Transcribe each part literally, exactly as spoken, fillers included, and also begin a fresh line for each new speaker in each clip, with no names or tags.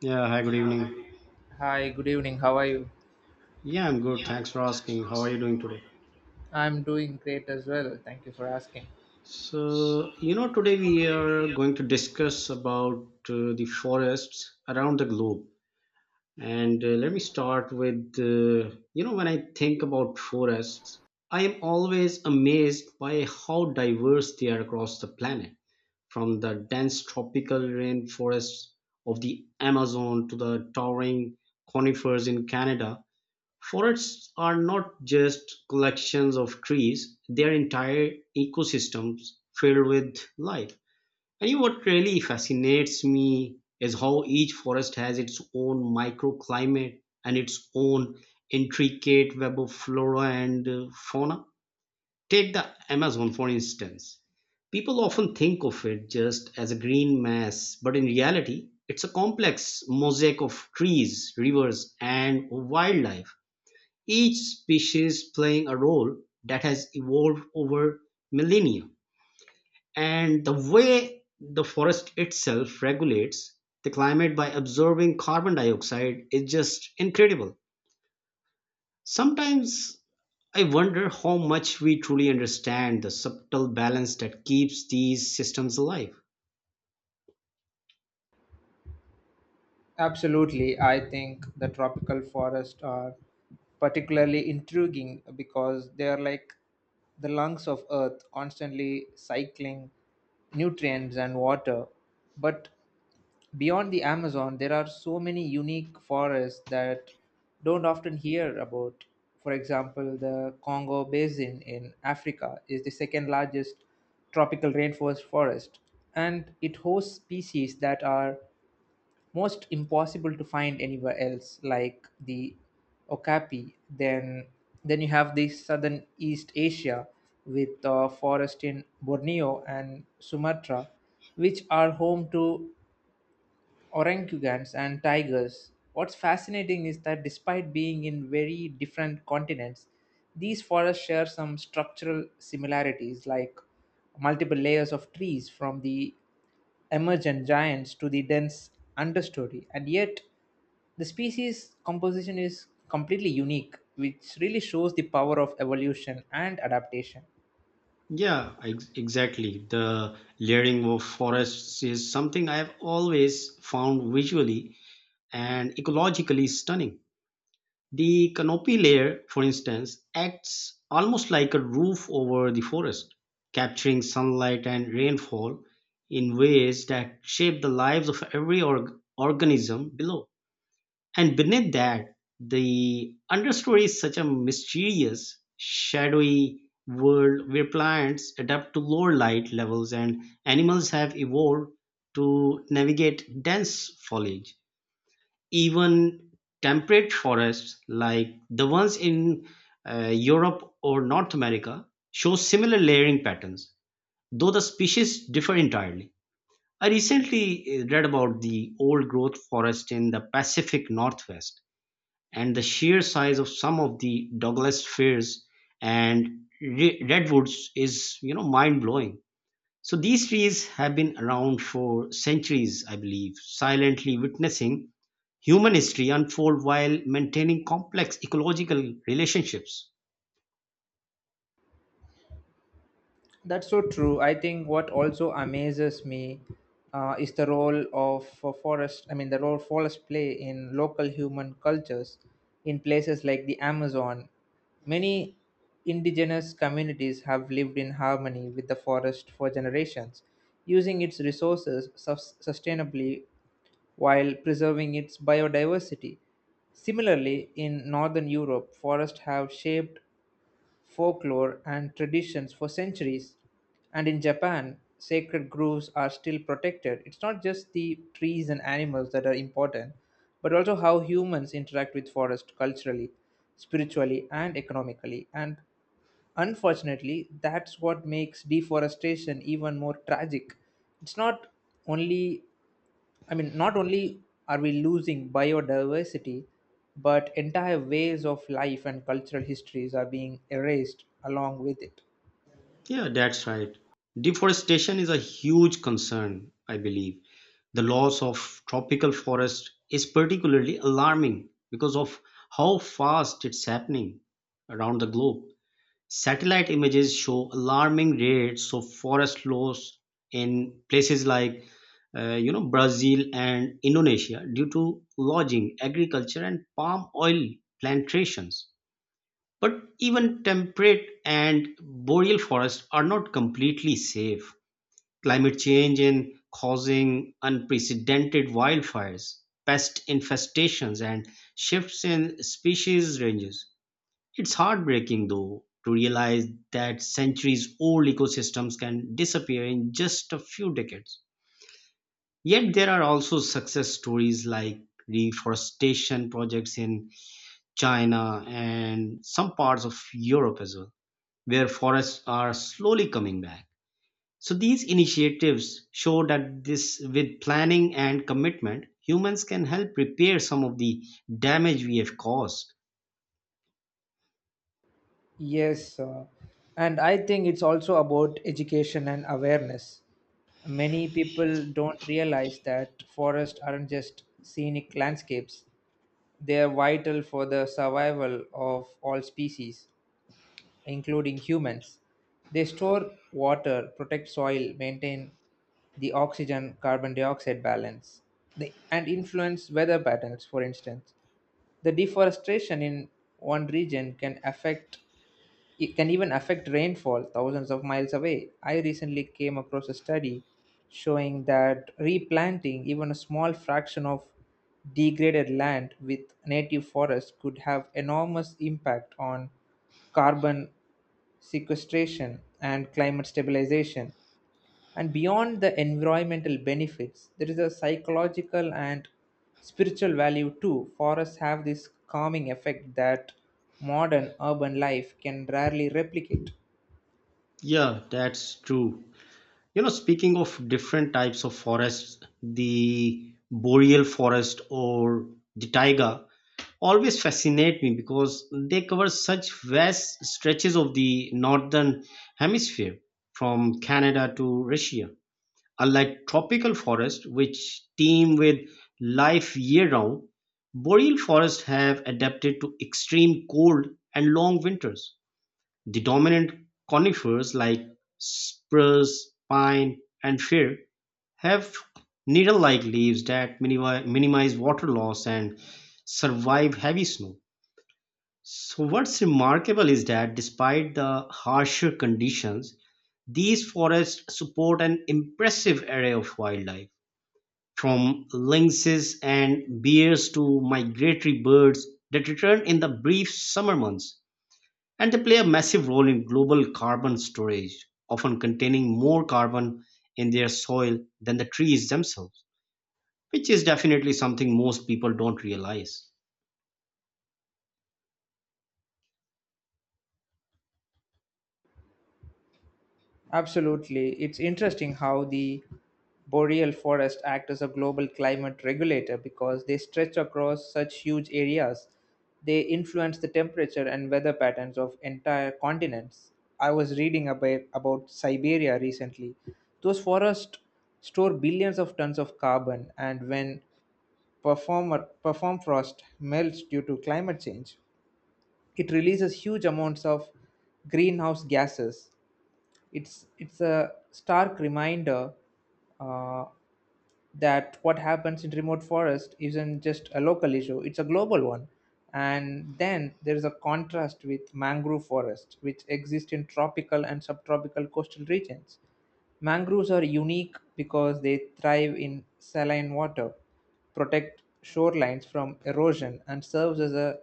Yeah, hi, good evening.
Hi, good evening. How are you?
Yeah, I'm good. Thanks for asking. How are you doing today?
I'm doing great as well. Thank you for asking.
So, you know, today we are going to discuss about uh, the forests around the globe. And uh, Let me start with, uh, you know, when I think about forests, I am always amazed by how diverse they are across the planet, from the dense tropical rainforests of the Amazon to the towering conifers in Canada. Forests are not just collections of trees, they are entire ecosystems filled with life. And you know what really fascinates me is how each forest has its own microclimate and its own intricate web of flora and uh, fauna. Take the Amazon, for instance. People often think of it just as a green mass, but in reality, it's a complex mosaic of trees, rivers, and wildlife, each species playing a role that has evolved over millennia. And the way the forest itself regulates the climate by absorbing carbon dioxide is just incredible. Sometimes I wonder how much we truly understand the subtle balance that keeps these systems alive.
Absolutely. I think the tropical forests are particularly intriguing because they are like the lungs of earth, constantly cycling nutrients and water, but beyond the Amazon, there are so many unique forests that don't often hear about. For example, the Congo Basin in Africa is the second largest tropical rainforest forest, and it hosts species that are most impossible to find anywhere else, like the okapi. Then, then you have the southern East Asia with uh, forest in Borneo and Sumatra, which are home to orangutans and tigers. What's fascinating is that despite being in very different continents, these forests share some structural similarities like multiple layers of trees from the emergent giants to the dense understory, and yet the species composition is completely unique, which really shows the power of evolution and adaptation.
Yeah, ex- exactly. The layering of forests is something I have always found visually and ecologically stunning. The canopy layer, for instance, acts almost like a roof over the forest, capturing sunlight and rainfall in ways that shape the lives of every org- organism below. And beneath that, the understory is such a mysterious, shadowy world where plants adapt to lower light levels and animals have evolved to navigate dense foliage. Even temperate forests, like the ones in uh, Europe or North America, show similar layering patterns, though the species differ entirely. I recently uh, read about the old growth forest in the Pacific Northwest, and the sheer size of some of the Douglas firs and re- redwoods is, you know, mind blowing. So these trees have been around for centuries, I believe, silently witnessing human history unfold while maintaining complex ecological relationships.
That's so true. I think what also amazes me uh, is the role of uh, forest. I mean, the role forests play in local human cultures in places like the Amazon. Many indigenous communities have lived in harmony with the forest for generations, using its resources sus- sustainably while preserving its biodiversity. Similarly, in Northern Europe, forests have shaped folklore and traditions for centuries. And in Japan, sacred groves are still protected. It's not just the trees and animals that are important, but also how humans interact with forest culturally, spiritually, and economically. And unfortunately, that's what makes deforestation even more tragic. It's not only I mean, not only are we losing biodiversity, but entire ways of life and cultural histories are being erased along with it.
Yeah, that's right. Deforestation is a huge concern, I believe. The loss of tropical forest is particularly alarming because of how fast it's happening around the globe. Satellite images show alarming rates of forest loss in places like uh, you know Brazil and Indonesia due to lodging, agriculture, and palm oil plantations. But even temperate and boreal forests are not completely safe. Climate change in causing unprecedented wildfires, pest infestations, and shifts in species ranges. It's heartbreaking, though, to realize that centuries old ecosystems can disappear in just a few decades. Yet there are also success stories like reforestation projects in China and some parts of Europe as well, where forests are slowly coming back. So these initiatives show that this with planning and commitment, humans can help repair some of the damage we have caused.
Yes, uh, and I think it's also about education and awareness. Many people don't realize that forests aren't just scenic landscapes, they are vital for the survival of all species, including humans. They store water, protect soil, maintain the oxygen carbon dioxide balance, they, and influence weather patterns, for instance. The deforestation in one region can affect it can even affect rainfall thousands of miles away. I recently came across a study showing that replanting even a small fraction of degraded land with native forests could have enormous impact on carbon sequestration and climate stabilization. And beyond the environmental benefits, there is a psychological and spiritual value too. Forests have this calming effect that modern urban life can rarely replicate.
Yeah, that's true. You know, speaking of different types of forests, the boreal forest or the taiga always fascinate me because they cover such vast stretches of the northern hemisphere from Canada to Russia. Unlike tropical forests, which teem with life year round, boreal forests have adapted to extreme cold and long winters. The dominant conifers like spruce, pine, and fir have needle-like leaves that minimi- minimize water loss and survive heavy snow. So, what's remarkable is that despite the harsher conditions, these forests support an impressive array of wildlife, from lynxes and bears to migratory birds that return in the brief summer months, and they play a massive role in global carbon storage, often containing more carbon in their soil than the trees themselves, which is definitely something most people don't realize.
Absolutely. It's interesting how the boreal forest act as a global climate regulator because they stretch across such huge areas. They influence the temperature and weather patterns of entire continents. I was reading about, about Siberia recently. Those forests store billions of tons of carbon, and when performer, perform frost melts due to climate change, it releases huge amounts of greenhouse gases. It's it's a stark reminder uh, that what happens in remote forest isn't just a local issue; it's a global one. And then there is a contrast with mangrove forests, which exist in tropical and subtropical coastal regions. Mangroves are unique because they thrive in saline water, protect shorelines from erosion, and serves as a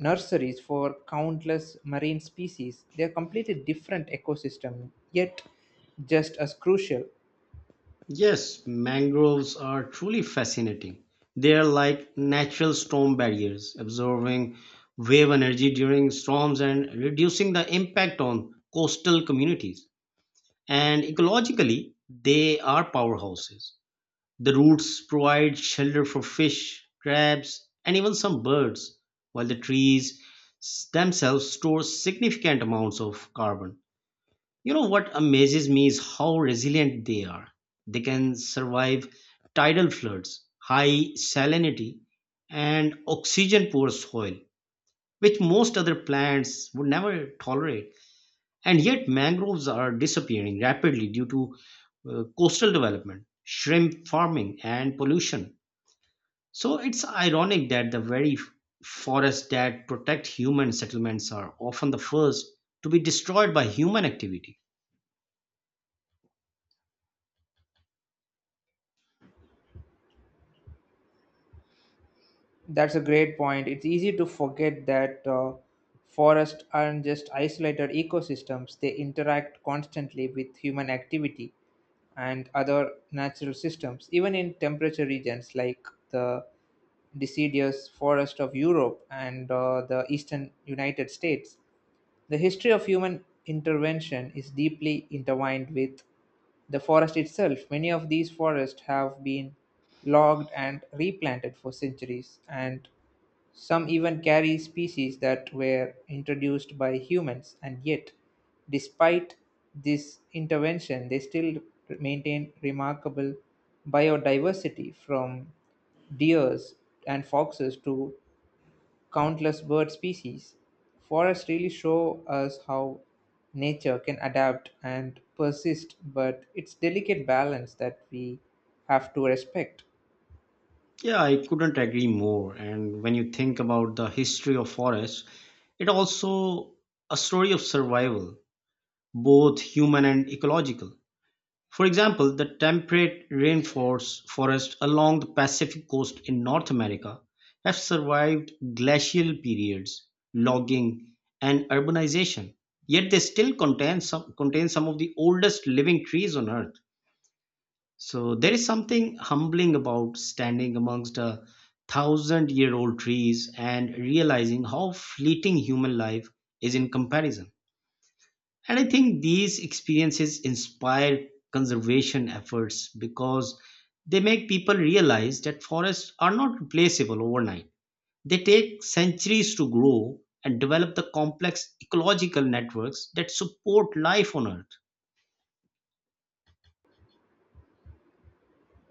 nurseries for countless marine species. They're completely different ecosystem, yet just as crucial.
Yes, mangroves are truly fascinating. They are like natural storm barriers, absorbing wave energy during storms and reducing the impact on coastal communities. And ecologically, they are powerhouses. The roots provide shelter for fish, crabs, and even some birds, while the trees s- themselves store significant amounts of carbon. You know what amazes me is how resilient they are. They can survive tidal floods, high salinity, and oxygen poor soil, which most other plants would never tolerate. And yet, mangroves are disappearing rapidly due to uh, coastal development, shrimp farming, and pollution. So it's ironic that the very f- forests that protect human settlements are often the first to be destroyed by human activity.
That's a great point. It's easy to forget that uh, forests aren't just isolated ecosystems. They interact constantly with human activity and other natural systems, even in temperature regions like the deciduous forest of Europe and uh, the eastern United States. The history of human intervention is deeply intertwined with the forest itself. Many of these forests have been logged and replanted for centuries, and some even carry species that were introduced by humans, and yet, despite this intervention, they still maintain remarkable biodiversity from deers and foxes to countless bird species. Forests really show us how nature can adapt and persist, but it's delicate balance that we have to respect.
Yeah, I couldn't agree more. And when you think about the history of forests, it also a story of survival, both human and ecological. For example, the temperate rainforest forests along the Pacific coast in North America have survived glacial periods, logging, and urbanization. Yet they still contain some, contain some of the oldest living trees on Earth. So there is something humbling about standing amongst a thousand year old trees and realizing how fleeting human life is in comparison. And I think these experiences inspire conservation efforts because they make people realize that forests are not replaceable overnight. They take centuries to grow and develop the complex ecological networks that support life on Earth.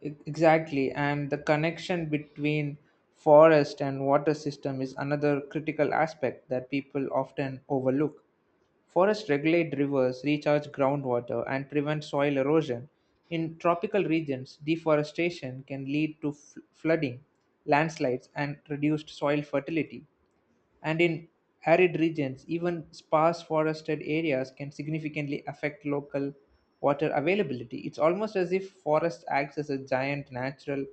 E- Exactly, and the connection between forest and water system is another critical aspect that people often overlook. Forests regulate rivers, recharge groundwater, and prevent soil erosion. In tropical regions, deforestation can lead to f- flooding, landslides, and reduced soil fertility, and in arid regions, even sparse forested areas can significantly affect local water availability. It's almost as if forest acts as a giant natural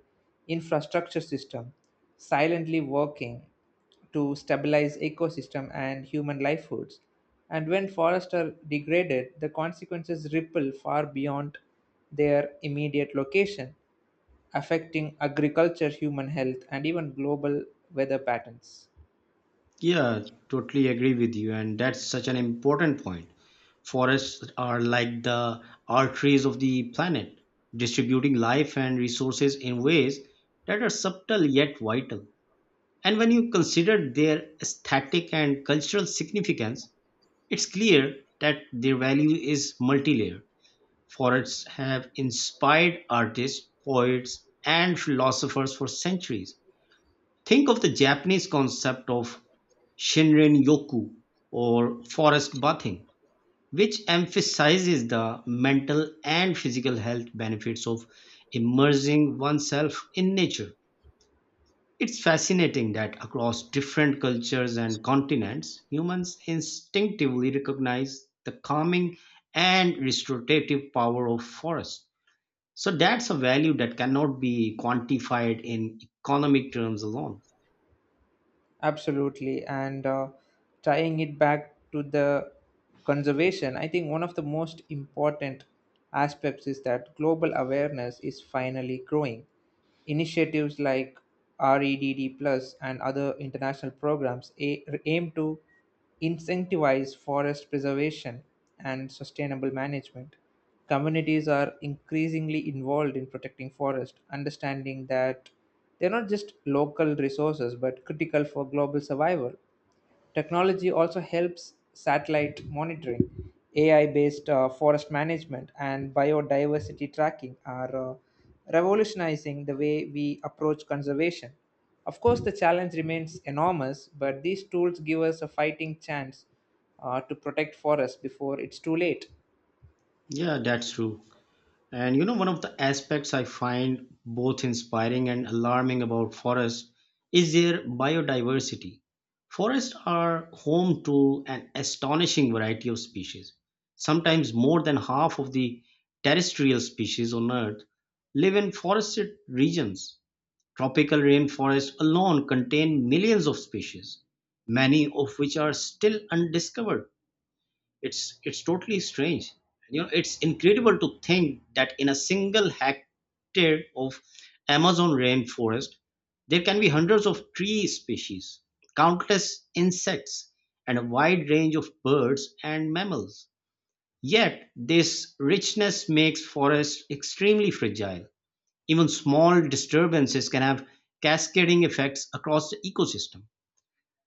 infrastructure system, silently working to stabilize ecosystem and human livelihoods. And when forests are degraded, the consequences ripple far beyond their immediate location, affecting agriculture, human health, and even global weather patterns.
Yeah, totally agree with you. And that's such an important point. Forests are like the arteries of the planet, distributing life and resources in ways that are subtle yet vital. And when you consider their aesthetic and cultural significance, it's clear that their value is multi-layered. Forests have inspired artists, poets, and philosophers for centuries. Think of the Japanese concept of Shinrin Yoku or forest bathing, which emphasizes the mental and physical health benefits of immersing oneself in nature. It's fascinating that across different cultures and continents, humans instinctively recognize the calming and restorative power of forests. So that's a value that cannot be quantified in economic terms alone.
Absolutely. And uh, tying it back to the conservation, I think one of the most important aspects is that global awareness is finally growing. Initiatives like red Plus and other international programs a- aim to incentivize forest preservation and sustainable management. Communities are increasingly involved in protecting forests, understanding that they're not just local resources but critical for global survival. Technology also helps satellite monitoring, A I based uh, forest management, and biodiversity tracking are uh, revolutionizing the way we approach conservation. Of course, the challenge remains enormous, but these tools give us a fighting chance uh, to protect forests before it's too late.
Yeah, that's true. And you know, one of the aspects I find both inspiring and alarming about forests is their biodiversity. Forests are home to an astonishing variety of species. Sometimes more than half of the terrestrial species on Earth live in forested regions. Tropical rainforests alone contain millions of species, many of which are still undiscovered. It's it's totally strange. You know, it's incredible to think that in a single hectare of Amazon rainforest, there can be hundreds of tree species, countless insects, and a wide range of birds and mammals. Yet, this richness makes forests extremely fragile. Even small disturbances can have cascading effects across the ecosystem.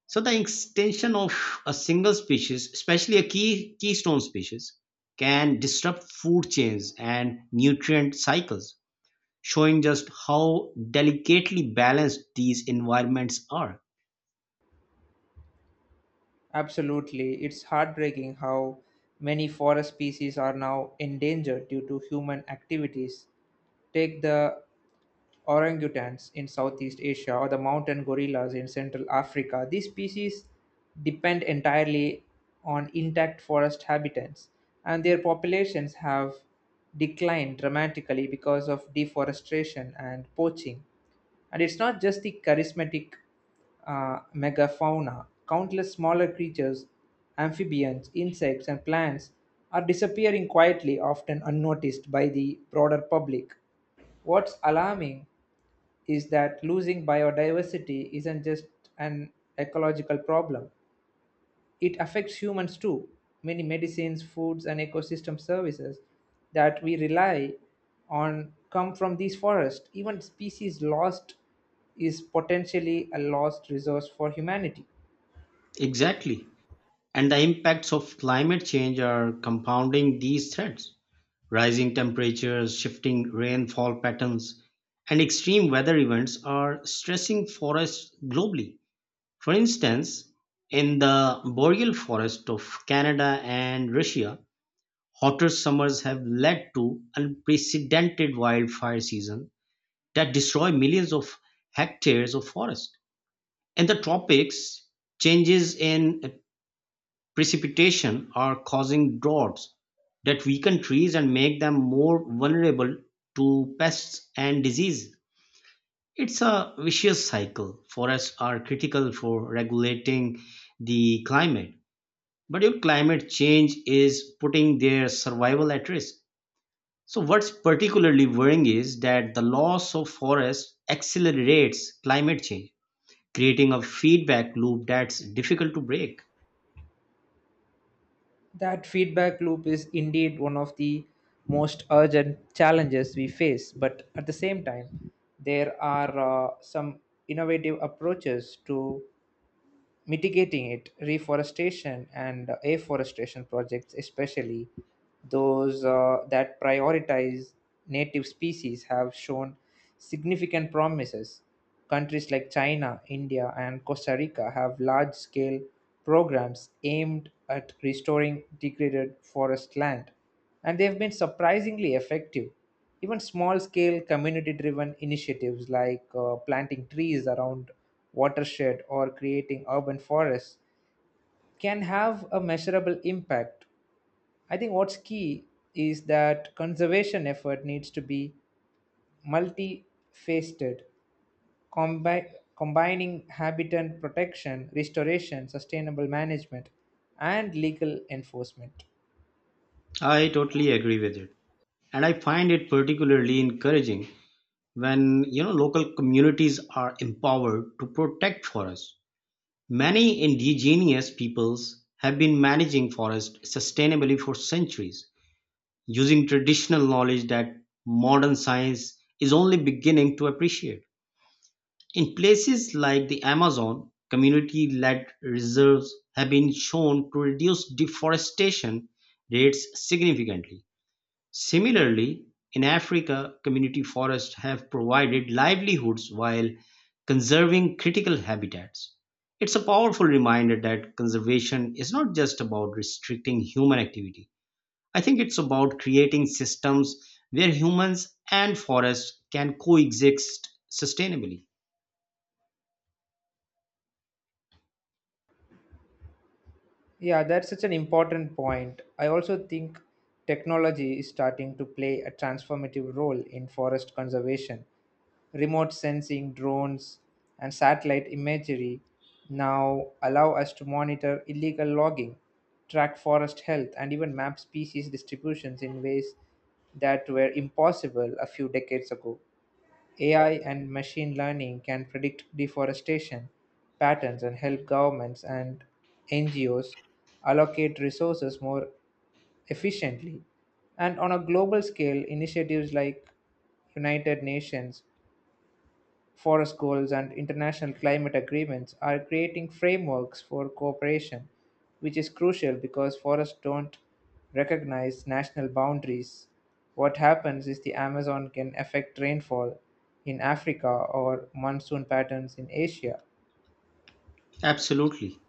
So the extinction of a single species, especially a key keystone species, can disrupt food chains and nutrient cycles, showing just how delicately balanced these environments are.
Absolutely. It's heartbreaking how many forest species are now endangered due to human activities. Take the orangutans in Southeast Asia or the mountain gorillas in Central Africa. These species depend entirely on intact forest habitats, and their populations have declined dramatically because of deforestation and poaching. And it's not just the charismatic uh, megafauna, countless smaller creatures, amphibians, insects, and plants are disappearing quietly, often unnoticed by the broader public. What's alarming is that losing biodiversity isn't just an ecological problem, it affects humans too. Many medicines, foods, and ecosystem services that we rely on come from these forests. Even species lost is potentially a lost resource for humanity.
Exactly. And the impacts of climate change are compounding these threats. Rising temperatures, shifting rainfall patterns, and extreme weather events are stressing forests globally. For instance, in the boreal forest of Canada and Russia, hotter summers have led to unprecedented wildfire season that destroy millions of hectares of forest. In the tropics, changes in precipitation are causing droughts that weaken trees and make them more vulnerable to pests and disease. It's a vicious cycle. Forests are critical for regulating the climate, but your climate change is putting their survival at risk. So, what's particularly worrying is that the loss of forests accelerates climate change, creating a feedback loop that's difficult to break.
That feedback loop is indeed one of the most urgent challenges we face, but at the same time, there are uh, some innovative approaches to mitigating it. Reforestation and uh, afforestation projects, especially those uh, that prioritize native species, have shown significant promises. Countries like China, India, and Costa Rica have large scale programs aimed at restoring degraded forest land, and they've been surprisingly effective. Even small scale community driven initiatives like uh, planting trees around watershed or creating urban forests can have a measurable impact. I think what's key is that conservation effort needs to be multifaceted, combi- combining habitat protection, restoration, sustainable management, and legal enforcement.
I totally agree with it. And I find it particularly encouraging when you know local communities are empowered to protect forests. Many indigenous peoples have been managing forests sustainably for centuries using traditional knowledge that modern science is only beginning to appreciate. In places like the Amazon, community led reserves have been shown to reduce deforestation rates significantly. Similarly, in Africa, community forests have provided livelihoods while conserving critical habitats. It's a powerful reminder that conservation is not just about restricting human activity. I think it's about creating systems where humans and forests can coexist sustainably.
Yeah, that's such an important point. I also think technology is starting to play a transformative role in forest conservation. Remote sensing, drones, and satellite imagery now allow us to monitor illegal logging, track forest health, and even map species distributions in ways that were impossible a few decades ago. A I and machine learning can predict deforestation patterns and help governments and N G Os allocate resources more efficiently. And on a global scale, initiatives like United Nations Forest goals and international climate agreements are creating frameworks for cooperation, which is crucial because forests don't recognize national boundaries. What happens is the Amazon can affect rainfall in Africa or monsoon patterns in Asia.
Absolutely.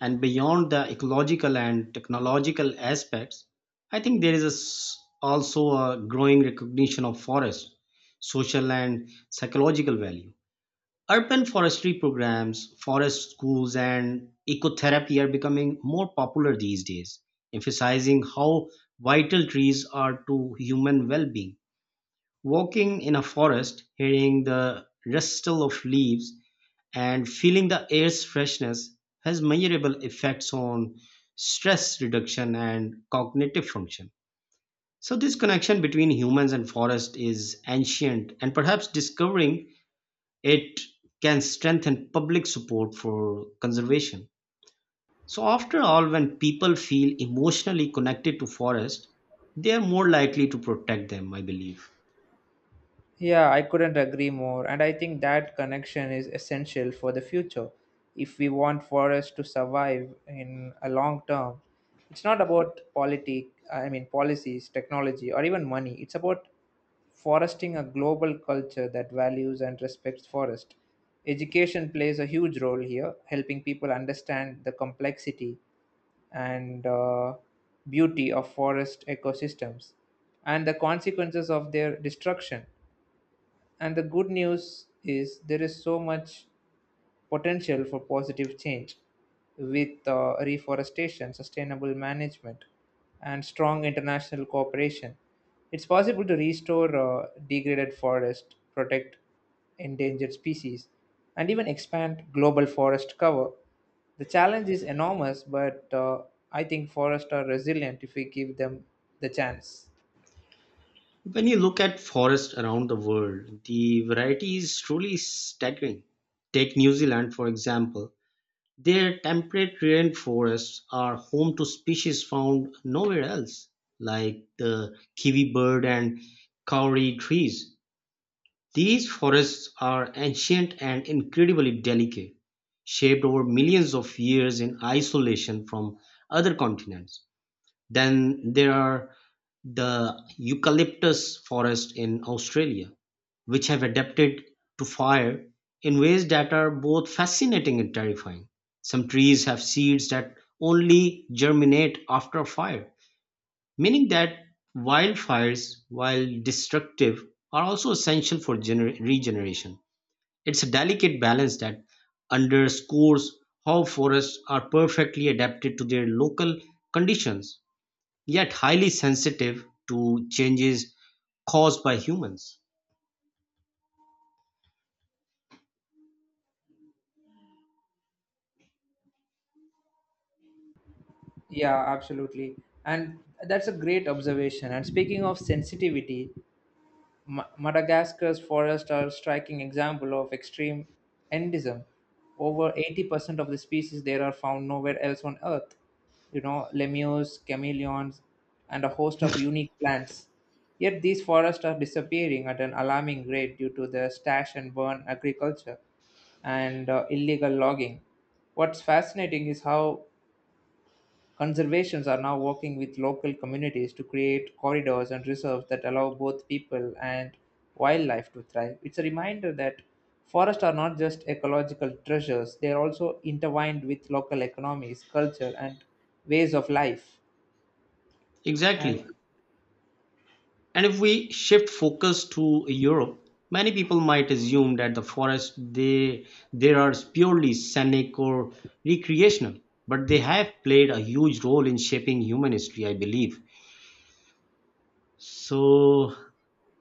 And beyond the ecological and technological aspects, I think there is a s also a growing recognition of forest, social and psychological value. Urban forestry programs, forest schools, and ecotherapy are becoming more popular these days, emphasizing how vital trees are to human well being. Walking in a forest, hearing the rustle of leaves and feeling the air's freshness has measurable effects on stress reduction and cognitive function. So, this connection between humans and forest is ancient, and perhaps discovering it can strengthen public support for conservation. So, after all, when people feel emotionally connected to forest, they are more likely to protect them, I believe.
Yeah, I couldn't agree more, and I think that connection is essential for the future. If we want forests to survive in a long term, it's not about politic, I mean policies, technology, or even money. It's about foresting a global culture that values and respects forest. Education plays a huge role here, helping people understand the complexity and uh, beauty of forest ecosystems and the consequences of their destruction. And the good news is there is so much potential for positive change with uh, reforestation, sustainable management, and strong international cooperation. It's possible to restore uh, degraded forests, protect endangered species, and even expand global forest cover. The challenge is enormous, but uh, I think forests are resilient if we give them the chance.
When you look at forests around the world, the variety is truly staggering. Take New Zealand, for example. Their temperate rainforests are home to species found nowhere else, like the kiwi bird and kauri trees. These forests are ancient and incredibly delicate, shaped over millions of years in isolation from other continents. Then there are the eucalyptus forests in Australia, which have adapted to fire in ways that are both fascinating and terrifying. Some trees have seeds that only germinate after a fire, meaning that wildfires, while destructive, are also essential for gener- regeneration. It's a delicate balance that underscores how forests are perfectly adapted to their local conditions yet highly sensitive to changes caused by humans.
Yeah, absolutely. And that's a great observation. And speaking of sensitivity, Ma- Madagascar's forests are a striking example of extreme endism. Over eighty percent of the species there are found nowhere else on Earth. You know, lemurs, chameleons, and a host of unique plants. Yet these forests are disappearing at an alarming rate due to the stash and burn agriculture and uh, illegal logging. What's fascinating is how conservationists are now working with local communities to create corridors and reserves that allow both people and wildlife to thrive. It's a reminder that forests are not just ecological treasures, they are also intertwined with local economies, culture, and ways of life. And
Exactly. And if we shift focus to Europe, many people might assume that the forests they there are purely scenic or recreational, but they have played a huge role in shaping human history, I believe. So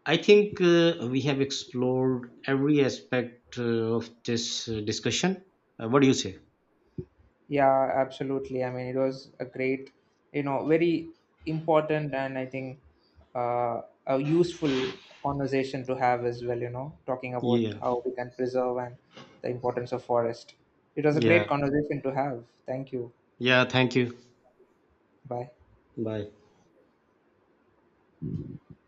I think uh, we have explored every aspect uh, of this uh, discussion. Uh, what do you say?
yeah, absolutely. I mean, it was a great, you know, very important and I think uh, a useful conversation to have as well, you know, talking about
Yeah.
how we can preserve and the importance of forest. It was a great
Yeah.
conversation to have. Thank you.
Yeah, thank you.
Bye.
Bye.